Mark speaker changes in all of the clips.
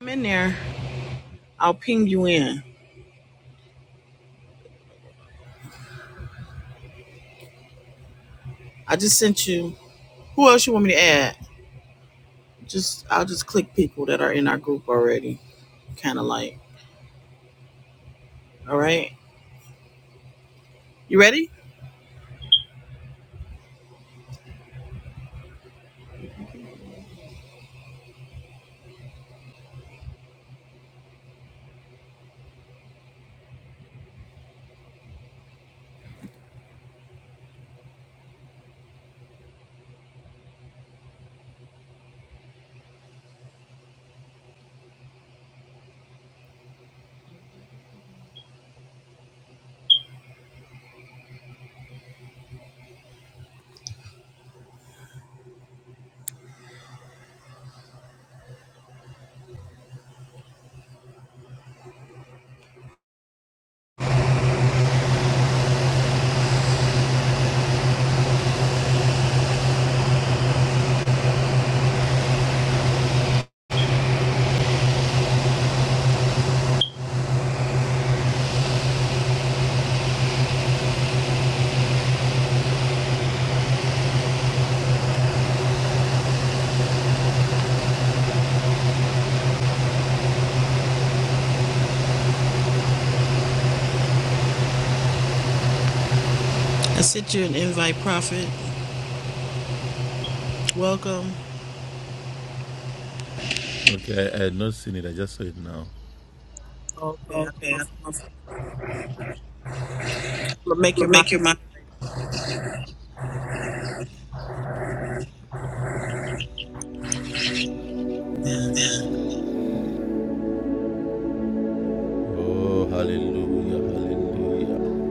Speaker 1: I'm in there. I'll ping you in. I just sent you. Who else you want me to add? Just I'll just click people that are in our group already. Kind of like. All right. You ready? I sent you an invite, Prophet. Welcome.
Speaker 2: Okay, I, I had not seen it. I just saw it now.
Speaker 1: Okay. I don't
Speaker 2: Okay,
Speaker 1: know
Speaker 2: I
Speaker 1: if
Speaker 2: don't know if
Speaker 1: but make
Speaker 2: you
Speaker 1: your
Speaker 2: make
Speaker 1: moderator.
Speaker 2: your mind. Oh, hallelujah, hallelujah.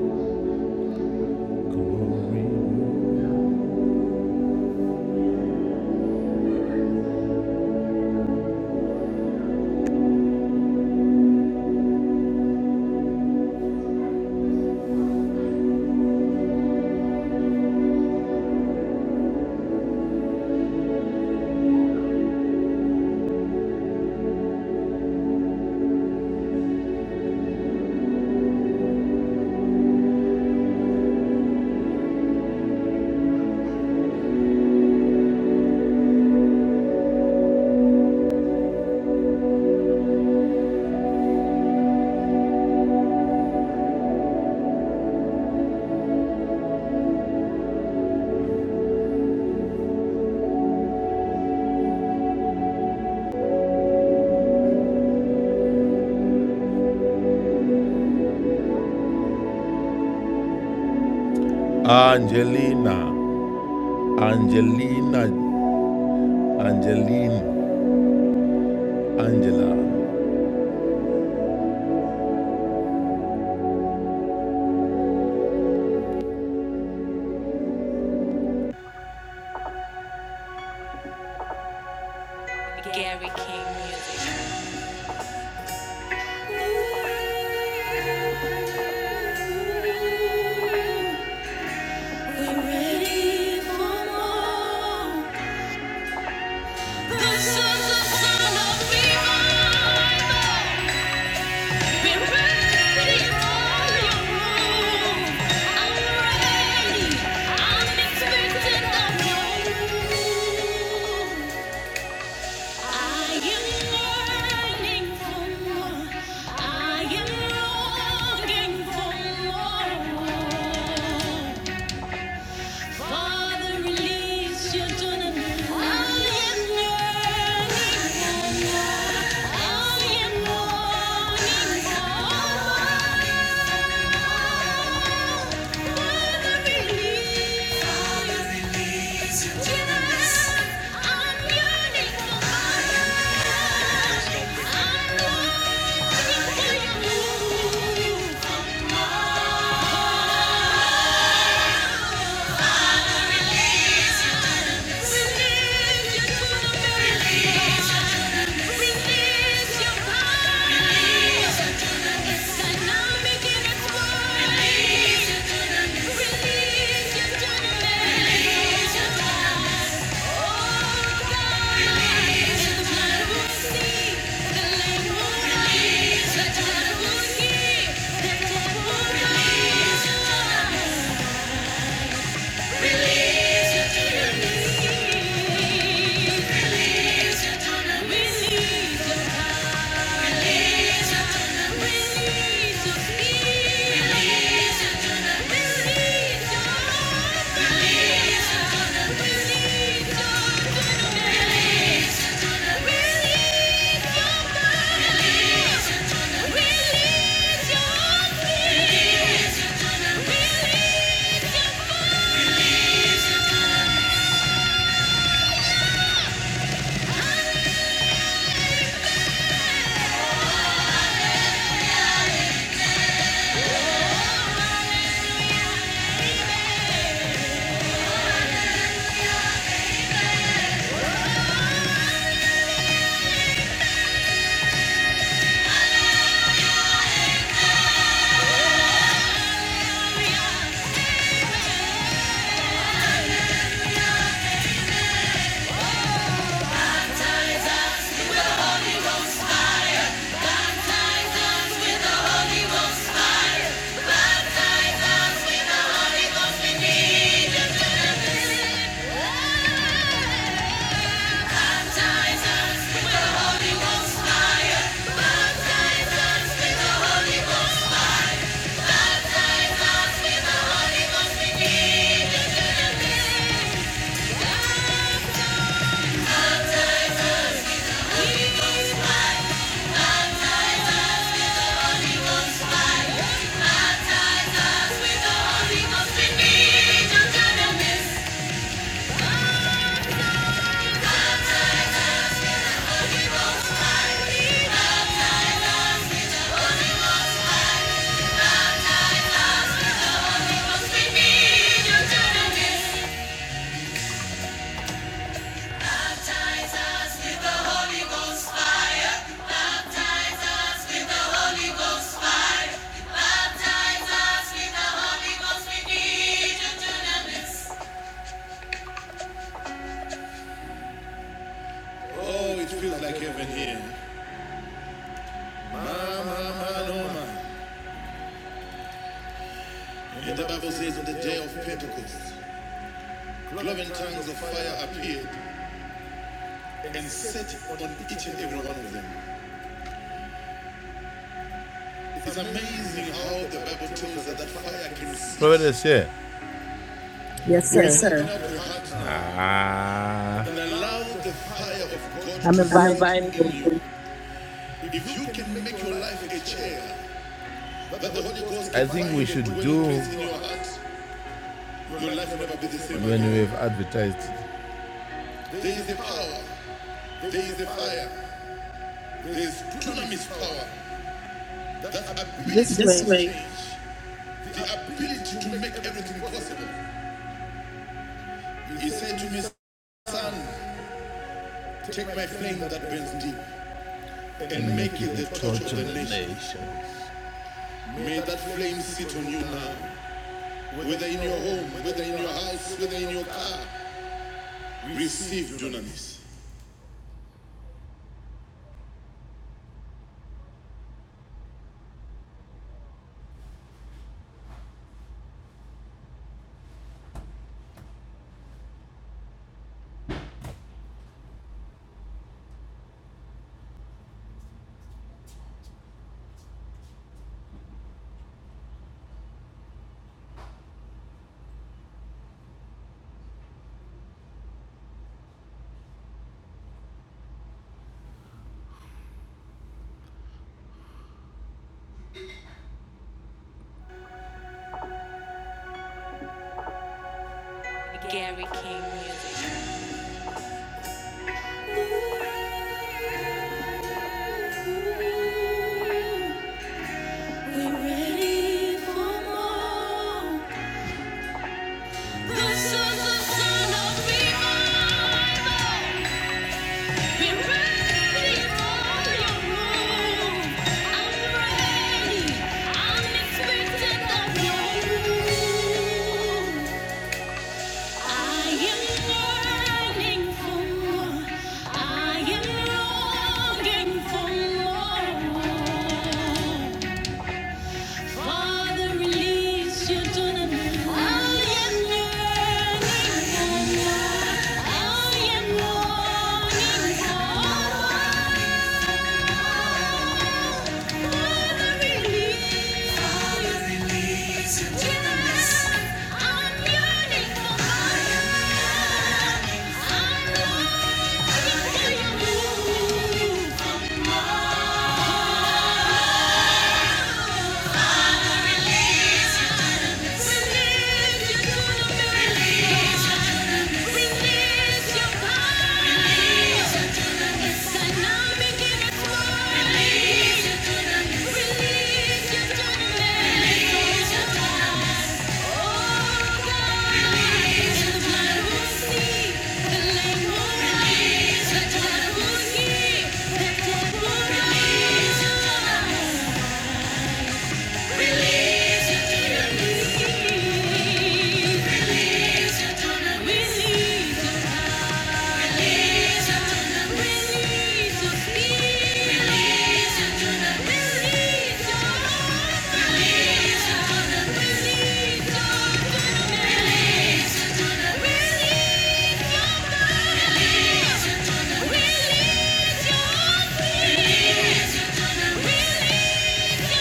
Speaker 2: Glory. Angelina, Angelina, Angeline, Angela. Gary King music. We're ready for more. This is the sound of revival. Oh Release your power. Release your Release, you're gonna miss. Oh, it feels like heaven here. My, my, my, oh my. And the Bible says on the day of Pentecost, cloven tongues of fire appeared and set on each and every one of them. It's amazing how the Bible tells us that fire can set. Look at this shit.
Speaker 1: Yes,
Speaker 2: Yes,
Speaker 1: sir.
Speaker 2: sir. Ah. and allow the fire of God to
Speaker 1: I'm
Speaker 2: I'm
Speaker 1: inviting
Speaker 2: inviting
Speaker 1: people
Speaker 2: you, if you can make your life a chair that the Holy Ghost can I think we should do when we have advertised There is a power. There is a fire. There is dunamis power. That ability to
Speaker 1: this
Speaker 2: This
Speaker 1: way.
Speaker 2: way. change. The ability to make everything possible. He said to me, Son, take my flame that burns deep and make it the torch of the nation. nation. May that flame sit on you now. Whether in your home, whether in your house, whether in your car, receive dunamis. We're ready for more. This is the sound of people Be ready for your move. I'm ready. I'm expectant of your I am yearning for more. I am longing for more. Father, release your children. I am yearning, I am longing for. Father, release. Father, release your children. I'm yearning for. I'm longing for your move. Release the devil, release the devil, release the devil. Release your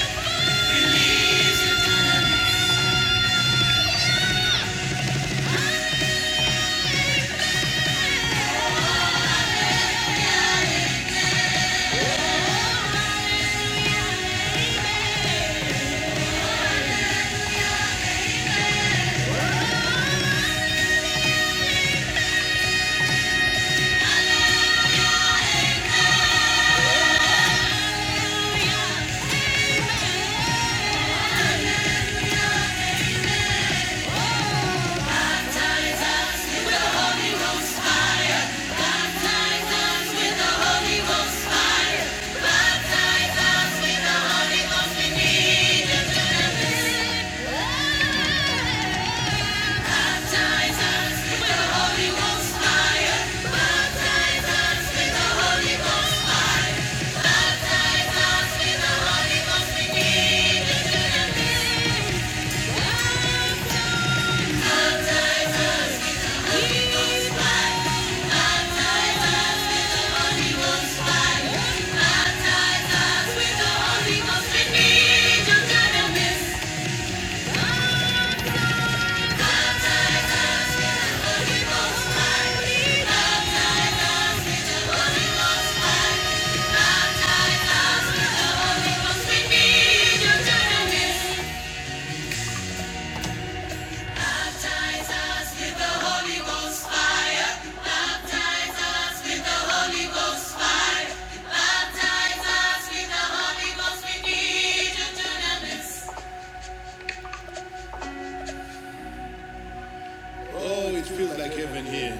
Speaker 2: Oh, it feels like heaven here.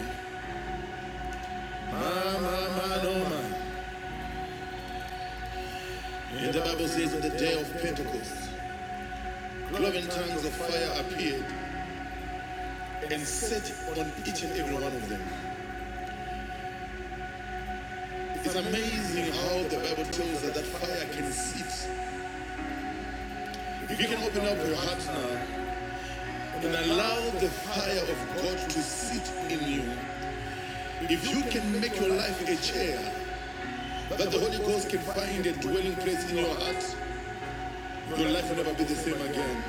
Speaker 2: My, my, my, oh, my. And the Bible says on the day of Pentecost, cloven tongues of fire appeared, and set on each and every one of them. It's amazing how the Bible tells us that fire can sit. If you can open up your heart now and allow the fire of God to sit in you, if you can make your life a chair that the Holy Ghost can find a dwelling place in your heart, your life will never be the same again.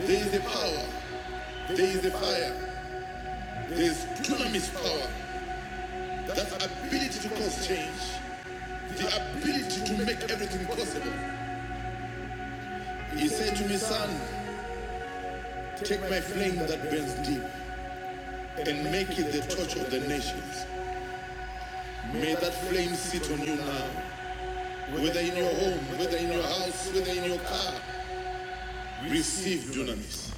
Speaker 2: There is a power, there is a fire, there is dunamis power, that ability to cause change the ability to make everything possible. He said to me, son, Take my flame that burns deep and make it the torch of the nations. May that flame sit on you now, whether in your home, whether in your house, whether in your car. Receive dunamis.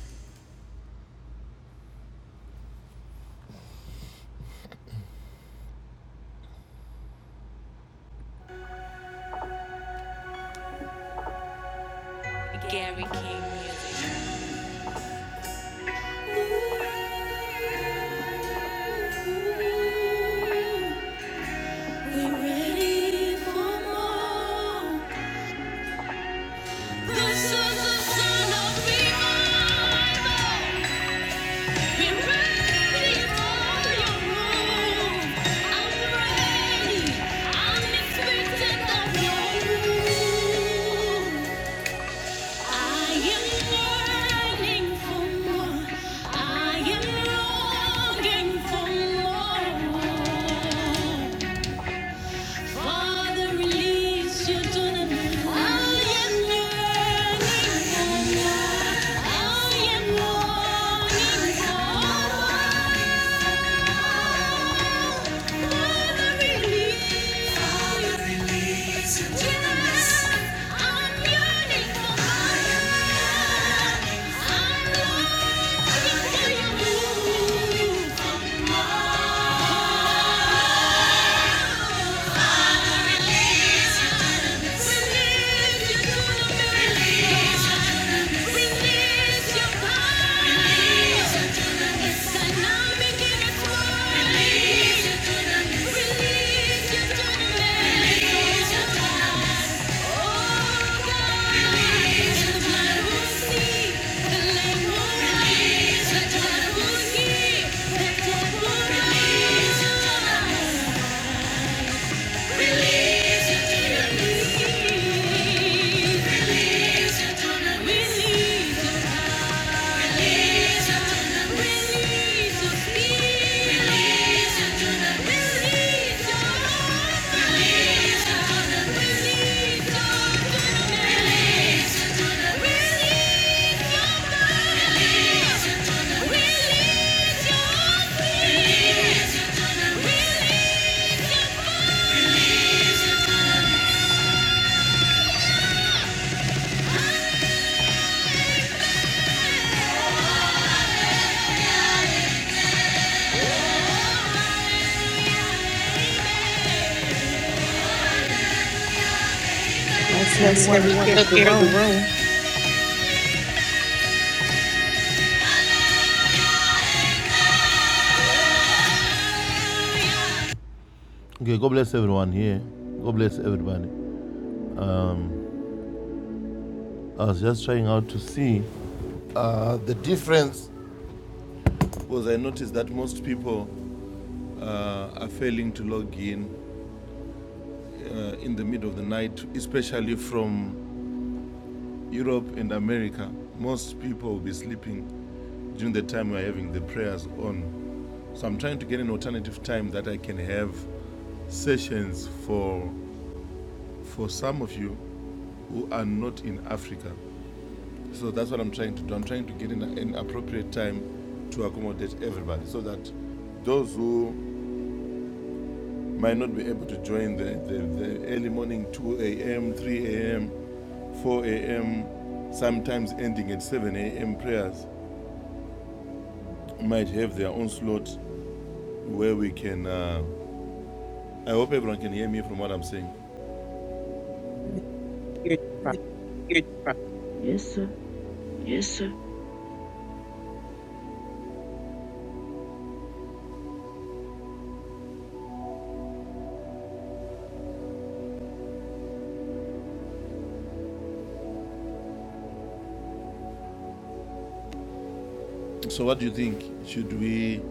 Speaker 2: Gary King music. We're ready for more. This is the sound of revival. Father, release your children. I am yearning for more. I am longing for more. Release your Release
Speaker 1: We're asking
Speaker 2: Ask
Speaker 1: everyone to
Speaker 2: everyone to
Speaker 1: share the
Speaker 2: share the
Speaker 1: room.
Speaker 2: room. Okay, God bless everyone here. God bless everybody. I was just trying out to see uh, the difference because I noticed that most people have been in the middle of the night, especially from Europe and America, most people will be sleeping during the time we're having the prayers on. So I'm trying to get an alternative time that I can have sessions for for some of you who are not in Africa. So that's what I'm trying to do. I'm trying to get an, an appropriate time that you join the early morning 2 a.m., 3 a.m., 4 a.m. Sometimes get says might help. Saying.
Speaker 1: Here, Prophet.
Speaker 3: Yes, sir.
Speaker 2: So what do you think? Should we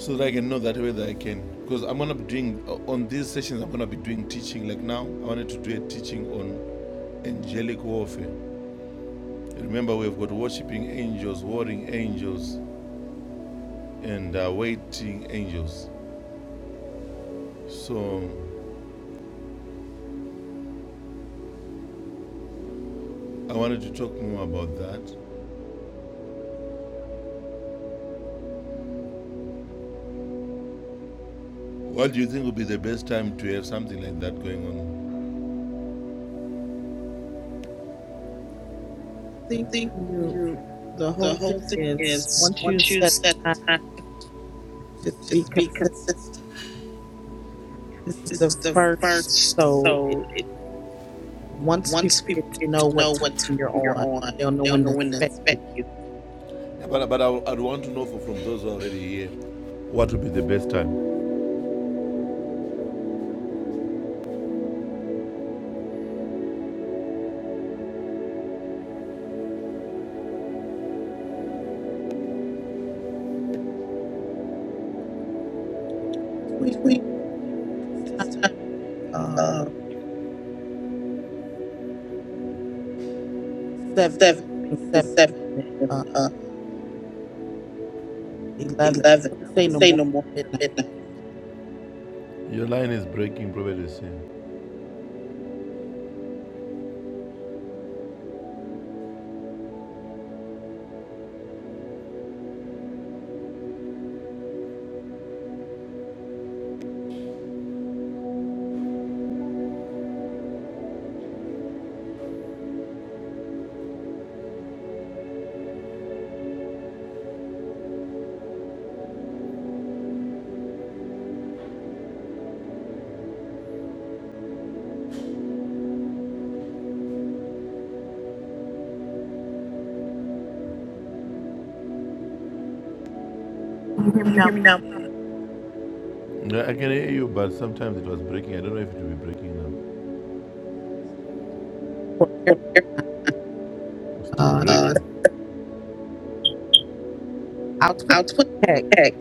Speaker 2: so that I can know that whether I can. Because I'm gonna be doing uh, on these sessions, I'm gonna be doing teaching. Like now, I wanted to do a teaching on angelic warfare. Remember, we've got worshiping angels, warring angels, and uh, waiting angels. So I wanted to talk more about that. What do you think would be the best time to have something like that going on?
Speaker 1: I
Speaker 2: I
Speaker 1: think
Speaker 2: think
Speaker 1: when you,
Speaker 2: you,
Speaker 1: the
Speaker 2: the
Speaker 1: whole thing
Speaker 2: whole thing
Speaker 1: is
Speaker 2: is
Speaker 1: once you
Speaker 2: once you
Speaker 1: set the
Speaker 2: set
Speaker 1: time,
Speaker 2: time,
Speaker 1: just be
Speaker 2: just be
Speaker 1: consistent.
Speaker 2: consistent.
Speaker 1: This is the
Speaker 2: It's the
Speaker 1: first,
Speaker 2: first,
Speaker 1: so it,
Speaker 2: so it
Speaker 1: once
Speaker 2: Once
Speaker 1: people
Speaker 2: people
Speaker 1: get to
Speaker 2: get
Speaker 1: know
Speaker 2: to
Speaker 1: what
Speaker 2: know what
Speaker 1: time you're
Speaker 2: time you're
Speaker 1: on,
Speaker 2: on,
Speaker 1: they'll know
Speaker 2: they'll
Speaker 1: when
Speaker 2: know
Speaker 1: to
Speaker 2: when to
Speaker 1: expect you.
Speaker 2: expect you. But, but I, I'd want to know for, from those already here what would be the best time?
Speaker 1: Between
Speaker 2: Between
Speaker 1: this time and maybe um,
Speaker 2: uh,
Speaker 1: seven, between
Speaker 2: seven, between
Speaker 1: seven
Speaker 2: seven
Speaker 1: and uh,
Speaker 2: and uh,
Speaker 1: eleven, I
Speaker 2: eleven.
Speaker 1: wouldn't
Speaker 2: I
Speaker 1: say
Speaker 2: wouldn't
Speaker 1: no
Speaker 2: say
Speaker 1: more
Speaker 2: no more
Speaker 1: after
Speaker 2: than
Speaker 1: midnight.
Speaker 2: midnight. Your line is breaking, probably. same.
Speaker 1: Can you hear me
Speaker 2: Can you
Speaker 1: now?
Speaker 2: hear me now? No, I can hear you, but sometimes it was breaking. I don't know if it will be breaking now.
Speaker 1: For American, time,
Speaker 2: It's still
Speaker 1: Uh,
Speaker 2: Uh, breaking.
Speaker 1: I'll
Speaker 2: Uh,
Speaker 1: put
Speaker 2: I'll
Speaker 1: in text.
Speaker 2: put text.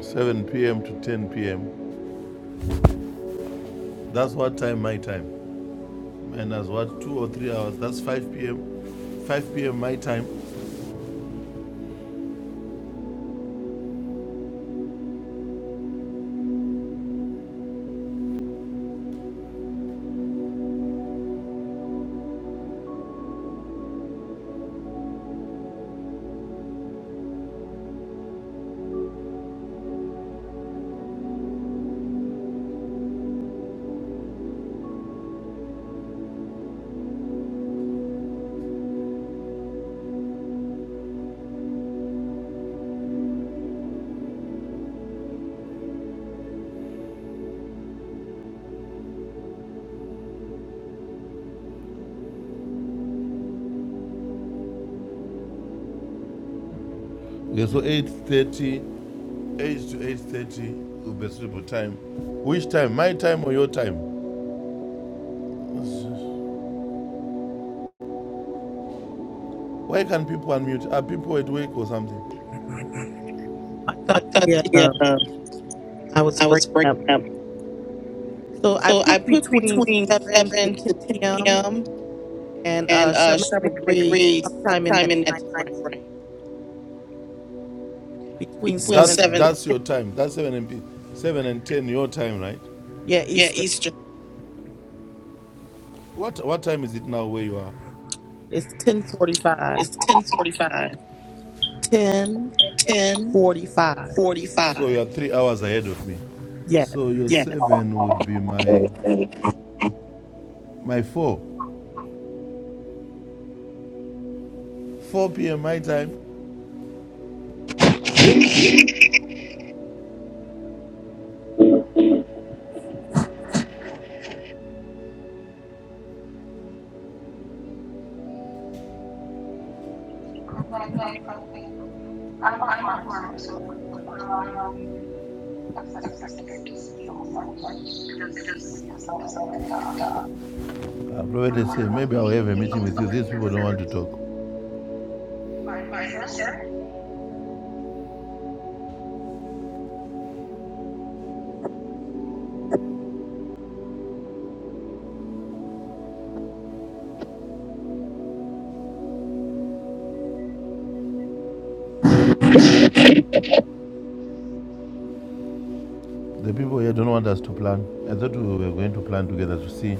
Speaker 2: 7 p.m. to 10 p.m. That's what time my time. and as what two or three hours. That's 5 p.m. 5 p.m. my time. Okay, so eight thirty, eight to 8:30 will be sleep time. Which time? My time or your time? Why can people unmute? Are people at work or something?
Speaker 1: I
Speaker 2: I
Speaker 1: thought
Speaker 2: thought
Speaker 1: the
Speaker 2: the,
Speaker 1: uh,
Speaker 2: uh,
Speaker 1: I was
Speaker 2: I was
Speaker 1: breaking up,
Speaker 2: breaking up.
Speaker 1: so I
Speaker 2: So I
Speaker 1: put
Speaker 2: put
Speaker 1: between
Speaker 2: between
Speaker 1: seven to
Speaker 2: 7
Speaker 1: ten
Speaker 2: to 10
Speaker 1: p.m.
Speaker 2: p.m.
Speaker 1: And uh,
Speaker 2: and uh,
Speaker 1: Charmaine
Speaker 2: Sherman
Speaker 1: agrees
Speaker 2: agrees
Speaker 1: sometime in
Speaker 2: sometime
Speaker 1: that
Speaker 2: in that
Speaker 1: time frame
Speaker 2: time frame.
Speaker 1: between
Speaker 2: Between That's
Speaker 1: 7 to
Speaker 2: 7
Speaker 1: 10.
Speaker 2: that's your time. That's 7 and p- 7 and 10 your time, right?
Speaker 1: Yeah,
Speaker 2: yeah,
Speaker 1: Eastern.
Speaker 2: Eastern. What what time is it now where you are?
Speaker 1: It's 1045.
Speaker 2: It's 1045. Ten
Speaker 1: 1045.
Speaker 2: forty five. So you are three hours ahead of me.
Speaker 1: Yes.
Speaker 2: So your Yes. seven would be my my four. Four PM my time.
Speaker 4: Good night, Kathy. I'm at work, so I'm not um, accessible to speak so much. I just sleeping because I wanted to talk.
Speaker 2: I
Speaker 4: That
Speaker 2: probably say
Speaker 4: would be 8 or 8.30.
Speaker 2: joke.
Speaker 4: Pardon me, sir?
Speaker 2: The people here don't want us to plan. I thought we were going to plan together to see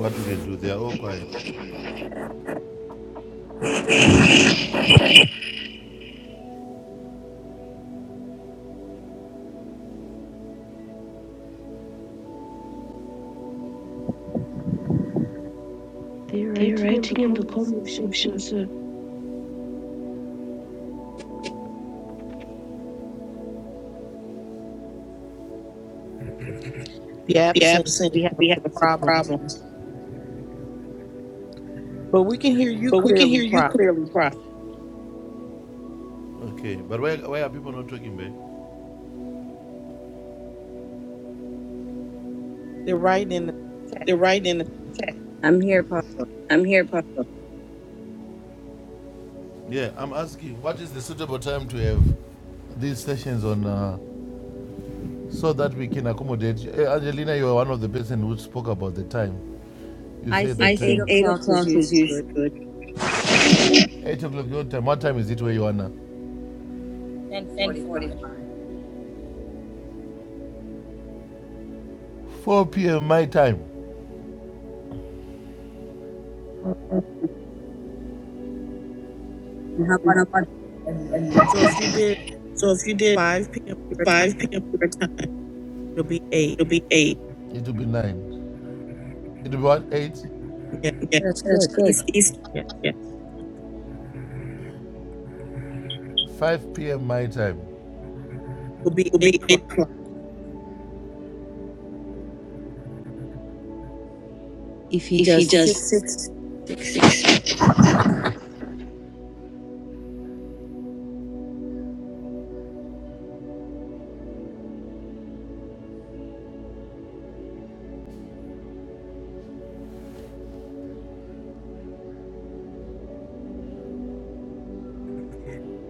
Speaker 2: what we can do. They are all quiet.
Speaker 3: They're
Speaker 2: They're
Speaker 3: writing in the
Speaker 2: writing in the
Speaker 3: comment
Speaker 2: comment
Speaker 3: section, sir.
Speaker 2: section, sir.
Speaker 1: The app
Speaker 2: The
Speaker 1: seems to
Speaker 2: absent
Speaker 1: be having
Speaker 2: We
Speaker 1: some
Speaker 2: have some
Speaker 1: problems.
Speaker 2: problems.
Speaker 1: But we can hear you
Speaker 2: But we can
Speaker 1: clearly,
Speaker 2: hear you
Speaker 1: Prophet.
Speaker 2: clearly, Prophet. Okay. But why why are people not talking babe?
Speaker 1: They're writing in the chat.
Speaker 2: They're writing in the chat.
Speaker 5: I'm here, Papa.
Speaker 2: Yeah, I'm asking what is the suitable time to have these sessions on uh, so that we can accommodate. Eh, Angelina, you are one of the person who spoke about the time. You
Speaker 5: I
Speaker 2: said the
Speaker 5: think
Speaker 2: I
Speaker 5: eight
Speaker 2: think time. 8
Speaker 5: o'clock is
Speaker 2: o'clock is
Speaker 5: usually
Speaker 2: usual.
Speaker 5: good.
Speaker 2: 8 o'clock your time. What time is it where you are now?
Speaker 5: Ten forty-five.
Speaker 2: 4 p.m. my time.
Speaker 5: And how about Edward?
Speaker 1: So if you did
Speaker 2: So if you did
Speaker 1: 5 p.m. your
Speaker 2: 5
Speaker 1: time,
Speaker 2: p.m. your time,
Speaker 1: it'll be 8.
Speaker 2: it'll be 8. It will be 9. It will be what? 8?
Speaker 1: Yes.
Speaker 2: Yeah.
Speaker 5: That's
Speaker 2: That's
Speaker 5: good.
Speaker 2: good.
Speaker 1: Eastern.
Speaker 2: East,
Speaker 1: Yes.
Speaker 2: yeah. 5 p.m. my time.
Speaker 1: Will be
Speaker 2: It'll
Speaker 1: 8
Speaker 2: be 8
Speaker 1: o'clock.
Speaker 2: o'clock.
Speaker 5: If he does six.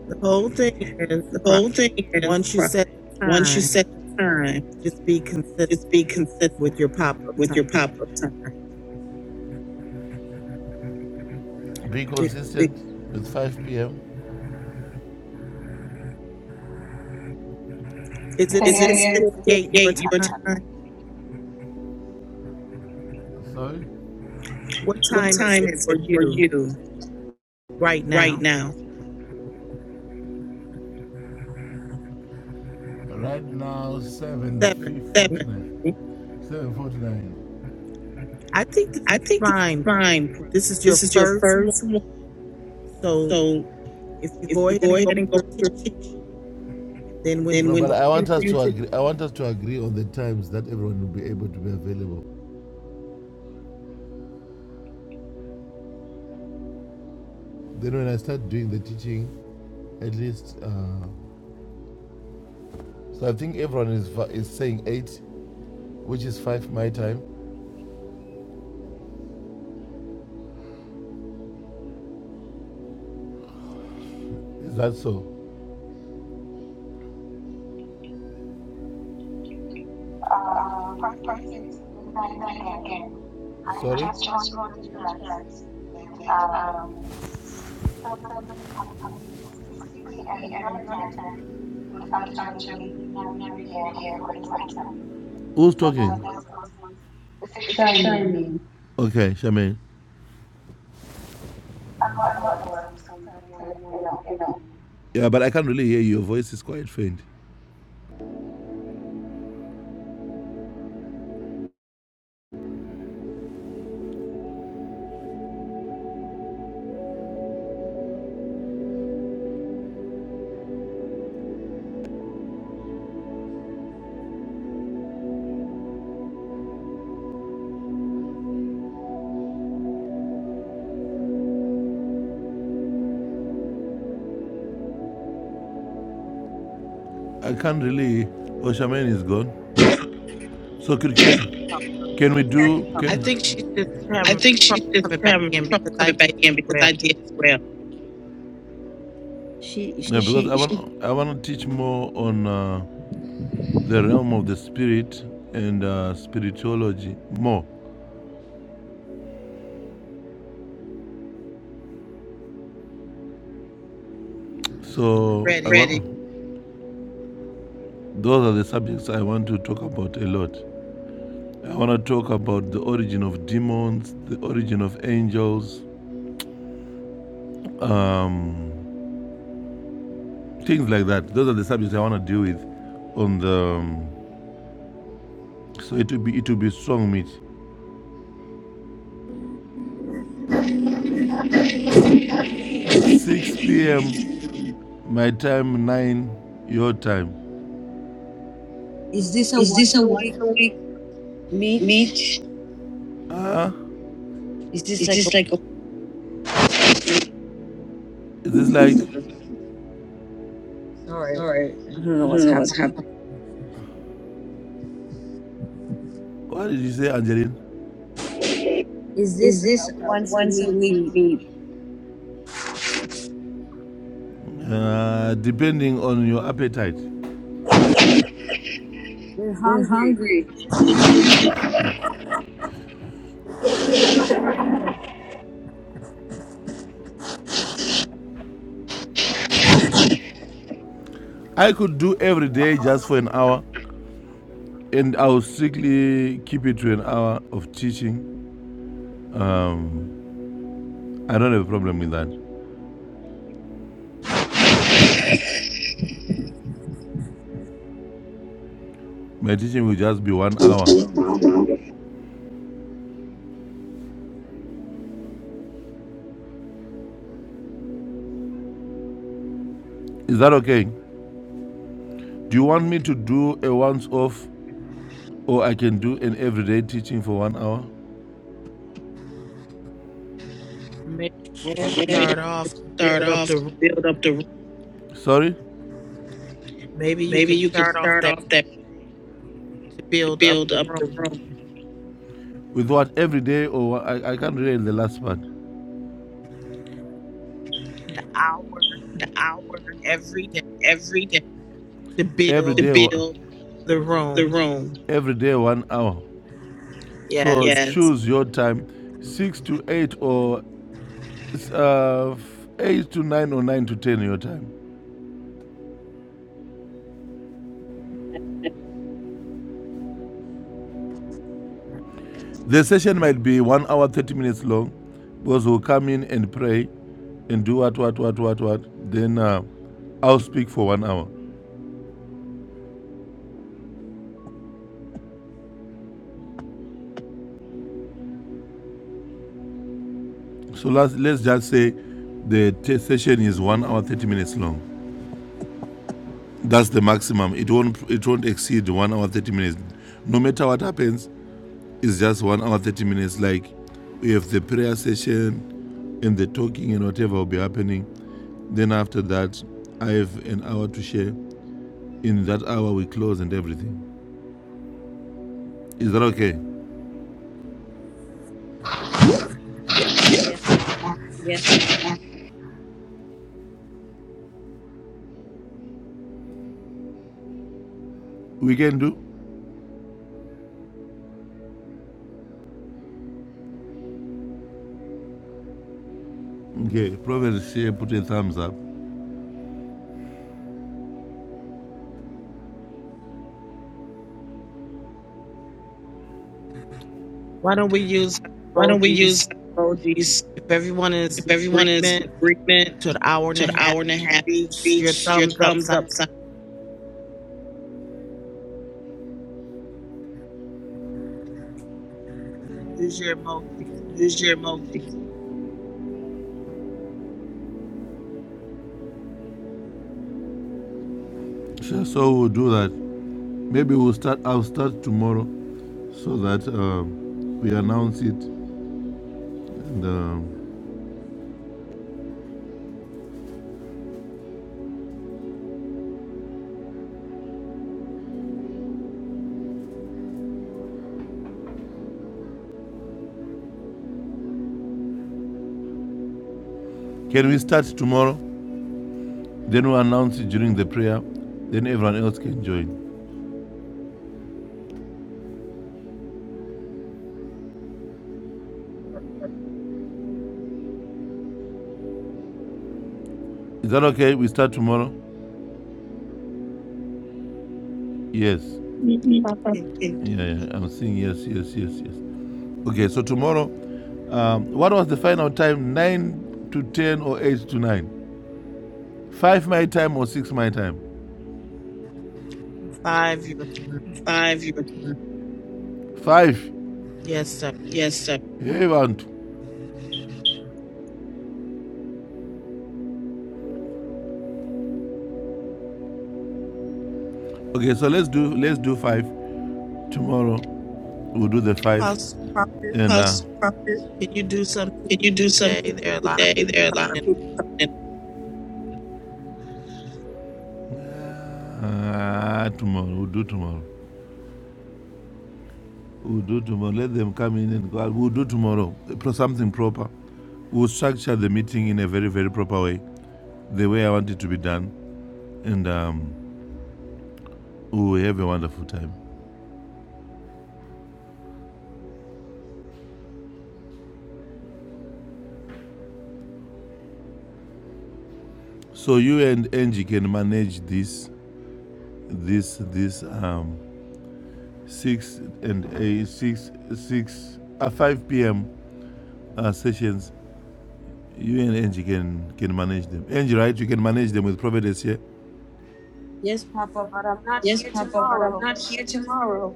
Speaker 1: The whole thing is,
Speaker 2: The whole
Speaker 1: Prophet,
Speaker 2: thing is,
Speaker 1: once you
Speaker 2: pro-
Speaker 1: set the
Speaker 2: once you
Speaker 1: time,
Speaker 2: set the time,
Speaker 1: just be consistent.
Speaker 2: just be consistent
Speaker 1: with your pop-up
Speaker 2: with your
Speaker 1: time.
Speaker 2: pop-up time. Be
Speaker 1: is
Speaker 2: consistent be- with 5 p.m.
Speaker 1: it
Speaker 2: Is
Speaker 4: Again. Okay.
Speaker 2: four
Speaker 1: 6:48 your
Speaker 2: eight your
Speaker 4: Um,
Speaker 1: time?
Speaker 2: time? Sorry,
Speaker 1: What
Speaker 2: What
Speaker 1: time is
Speaker 2: time
Speaker 1: it
Speaker 2: is
Speaker 1: for
Speaker 2: it for
Speaker 1: you
Speaker 2: you
Speaker 1: right
Speaker 2: right
Speaker 1: now?
Speaker 2: now? right now
Speaker 1: 7,
Speaker 2: 7:49.
Speaker 1: right?
Speaker 2: 7:49.
Speaker 1: I think this
Speaker 2: I
Speaker 1: is
Speaker 2: think this is
Speaker 1: fine, Prophet.
Speaker 2: fine.
Speaker 1: This is your
Speaker 2: This is your
Speaker 1: first
Speaker 2: first
Speaker 1: one.
Speaker 2: one,
Speaker 1: So
Speaker 2: so
Speaker 1: if you
Speaker 2: if
Speaker 1: go
Speaker 2: you
Speaker 1: ahead
Speaker 2: go
Speaker 1: and go
Speaker 2: ahead
Speaker 1: with
Speaker 2: and go
Speaker 1: your
Speaker 2: for your
Speaker 1: teaching,
Speaker 2: teacher,
Speaker 1: and then when
Speaker 2: then No, when but
Speaker 1: for
Speaker 2: I want us
Speaker 1: future,
Speaker 2: to agree. I want us to agree on the times that everyone will be able to be available. Then when I start doing the teaching, at least uh, So I think everyone is is saying eight, which is five my time. Is that so?
Speaker 4: uh, Prophet, good night again. I
Speaker 2: Sorry.
Speaker 4: just wrote in the chat that um, 7, I mean, 6 p.m. your time would actually be 9 p.m. over time.
Speaker 2: Who's
Speaker 4: So
Speaker 2: talking?
Speaker 4: that's also it's a shining.
Speaker 2: Okay, Charmaine.
Speaker 4: I'm at work, so I'm trying to, you know.
Speaker 2: Yeah, but I can't really hear you. Your voice is quite faint. I can't really. Oh, Charmaine is gone. So could,
Speaker 5: Check,
Speaker 2: can
Speaker 5: Papa.
Speaker 2: can we do
Speaker 1: I think
Speaker 2: can?
Speaker 1: she's just
Speaker 2: I
Speaker 1: having
Speaker 2: think she's
Speaker 1: trouble
Speaker 2: just
Speaker 1: coming back
Speaker 2: having
Speaker 1: in because
Speaker 2: trouble
Speaker 1: I
Speaker 2: coming
Speaker 1: did
Speaker 2: back in
Speaker 1: as
Speaker 2: because
Speaker 1: well.
Speaker 2: I did as well.
Speaker 5: She
Speaker 2: Yeah,
Speaker 5: she
Speaker 2: because She, I she want I want to teach more on uh, the realm of the spirit and uh, spirituology more.
Speaker 1: We're
Speaker 2: So I
Speaker 1: ready.
Speaker 2: ready. want those are the subjects I want to talk about a lot. I want to talk about the origin of demons, the origin of angels, um, things like that. Those are the subjects I want to deal with on the. um, so it will be it will be strong meat. 6 p.m. my time, 9 your time.
Speaker 5: is this a
Speaker 2: Is this
Speaker 5: once
Speaker 2: a
Speaker 5: a
Speaker 2: once
Speaker 5: week
Speaker 2: a week
Speaker 5: meet?
Speaker 2: meet? Ah,
Speaker 5: Is this
Speaker 2: Is
Speaker 5: like a
Speaker 2: this like a is this like
Speaker 5: sorry? I don't know what's happening.
Speaker 2: what did you say, Angeline?
Speaker 5: Is this a once a week meet?
Speaker 2: Uh, depending on your appetite.
Speaker 5: We're
Speaker 2: we're
Speaker 5: hungry.
Speaker 2: hungry? I could do every day
Speaker 4: Okay.
Speaker 2: just for an hour. And I'll strictly keep it to an hour of teaching. Um, I don't have a problem with that. My teaching will just be one hour. Is that okay? Do you want me to do a once off or I can do an everyday teaching for one hour?
Speaker 1: Maybe you can start off to
Speaker 2: Start
Speaker 1: build up
Speaker 2: off,
Speaker 1: the room.
Speaker 2: build up the. room. Sorry?
Speaker 1: Maybe you
Speaker 2: Maybe
Speaker 1: can
Speaker 2: you can
Speaker 1: start off
Speaker 2: start
Speaker 1: that
Speaker 2: off that
Speaker 1: way to
Speaker 2: to
Speaker 1: build up
Speaker 2: build
Speaker 1: the
Speaker 2: up the
Speaker 1: room.
Speaker 2: room. With what? Every day or I, I can't read the last part.
Speaker 1: The hour.
Speaker 2: The hour
Speaker 1: every day
Speaker 2: every day
Speaker 1: to
Speaker 2: Every day.
Speaker 1: build
Speaker 2: to build
Speaker 1: the
Speaker 2: the
Speaker 1: room.
Speaker 2: room. every day, one hour. So
Speaker 1: Yes.
Speaker 2: Yes. choose your time, six to eight or uh, eight to nine or nine to ten your time. The session might be one hour thirty minutes long, because we'll come in and pray, and do what what what what what. Then uh, I'll speak for one hour. So let's let's just say the t- session is one hour thirty minutes long. That's the maximum. It won't it won't exceed one hour thirty minutes. No matter what happens, It's just one hour, 30 minutes. Like, we have the prayer session and the talking and whatever will be happening. Then after that, I have an hour to share. In that hour, we close and everything. Is that okay?
Speaker 1: yes.
Speaker 5: Yes, Papa.
Speaker 2: We can do? Okay. Proverbs share, put a thumbs up.
Speaker 1: Why don't we use
Speaker 2: Why
Speaker 1: our
Speaker 2: don't we use
Speaker 1: emojis?
Speaker 2: emojis?
Speaker 1: If everyone is
Speaker 2: If
Speaker 1: in
Speaker 2: everyone is in
Speaker 1: agreement to an hour
Speaker 2: agreement
Speaker 1: and
Speaker 2: to
Speaker 1: a
Speaker 2: an
Speaker 1: half,
Speaker 2: hour and a half,
Speaker 1: use your
Speaker 2: use your
Speaker 1: thumbs up
Speaker 2: thumbs
Speaker 1: sign.
Speaker 2: up sign.
Speaker 1: Use your emoji.
Speaker 2: Use your emojis. Sure. So we'll do that. Maybe we'll start. I'll start tomorrow. so that uh, we announce it. The, can we start tomorrow? Then we announce it during the prayer. Then everyone else can join. Is that okay? We start tomorrow? Yes.
Speaker 6: Yes, Papa.
Speaker 2: Okay. Yeah, yeah. I'm seeing yes, yes, yes, yes. Okay, so tomorrow, um, what was the final time? 9 to 10 or 8 to 9? 5 my time or 6 my time?
Speaker 1: Five, your turn.
Speaker 2: Five your time. 5.
Speaker 1: Yes, sir.
Speaker 2: Yes, sir. Hey, want. Okay, so let's do let's do 5 tomorrow. We'll do the 5
Speaker 1: Apostle Prophet,
Speaker 2: and uh,
Speaker 1: can you do something
Speaker 2: Can you do
Speaker 1: today? There are
Speaker 2: something
Speaker 1: a lot of
Speaker 2: today?
Speaker 1: people
Speaker 2: There are a
Speaker 1: coming
Speaker 2: lot of
Speaker 1: in
Speaker 2: people coming in. Uh, tomorrow, we'll do tomorrow. We'll do tomorrow. Let them come in and go out. We'll do tomorrow. Pro- Something proper. We'll structure the meeting in a very, very proper way, the way I want it to be done. And um, we'll have a wonderful time. So you and Angie can manage this, this, this um, six and a six, six, uh, five p.m. Uh, sessions You and Angie can can manage them. Angie, right? You can manage them with Providence here. Yeah?
Speaker 5: yes, Papa. But I'm not
Speaker 2: Yes,
Speaker 5: here
Speaker 2: Papa, but I'm
Speaker 5: tomorrow.
Speaker 2: not here tomorrow.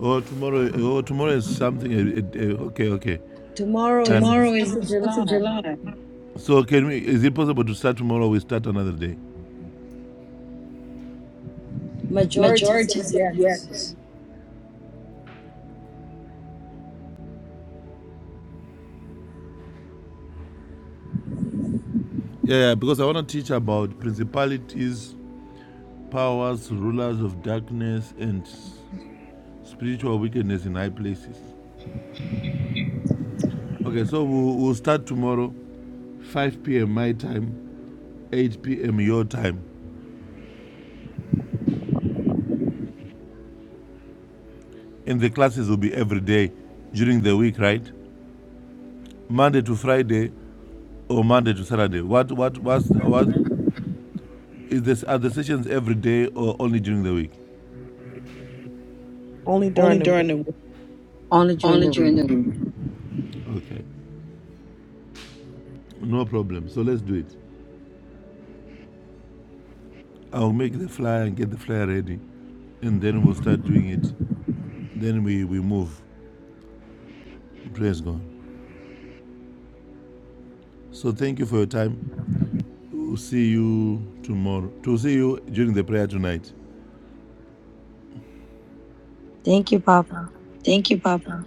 Speaker 2: Oh, tomorrow. Oh, tomorrow is something. eh, eh, eh, okay, okay. And
Speaker 5: Tomorrow is the
Speaker 2: Tomorrow and is
Speaker 5: Fourth
Speaker 2: the
Speaker 5: of
Speaker 2: 4th of
Speaker 5: July.
Speaker 2: July. so, can we? Is it possible to start tomorrow? or We start another day.
Speaker 5: Majority
Speaker 2: Majority
Speaker 5: said
Speaker 2: said
Speaker 5: yes.
Speaker 2: yes. Yeah, because I want to teach about principalities, powers, rulers of darkness, and spiritual wickedness in high places. Okay, so we'll, we'll start tomorrow, 5 p.m. my time, 8 p.m. your time. And the classes will be every day during the week, right? Monday to Friday or Monday to Saturday. What what what's, what is this are the sessions every day or only during the week?
Speaker 1: only
Speaker 2: Only
Speaker 1: during the
Speaker 2: during the week.
Speaker 5: Only during
Speaker 2: Only
Speaker 5: the
Speaker 2: during
Speaker 5: week.
Speaker 2: the week. Okay. No problem. So let's do it. I'll make the flyer and get the flyer ready and then we'll start doing it. Then we, we move. Praise God. So thank you for your time. We'll see you tomorrow. To see you during the prayer tonight.
Speaker 5: Thank you, Papa.
Speaker 2: Thank you, Papa.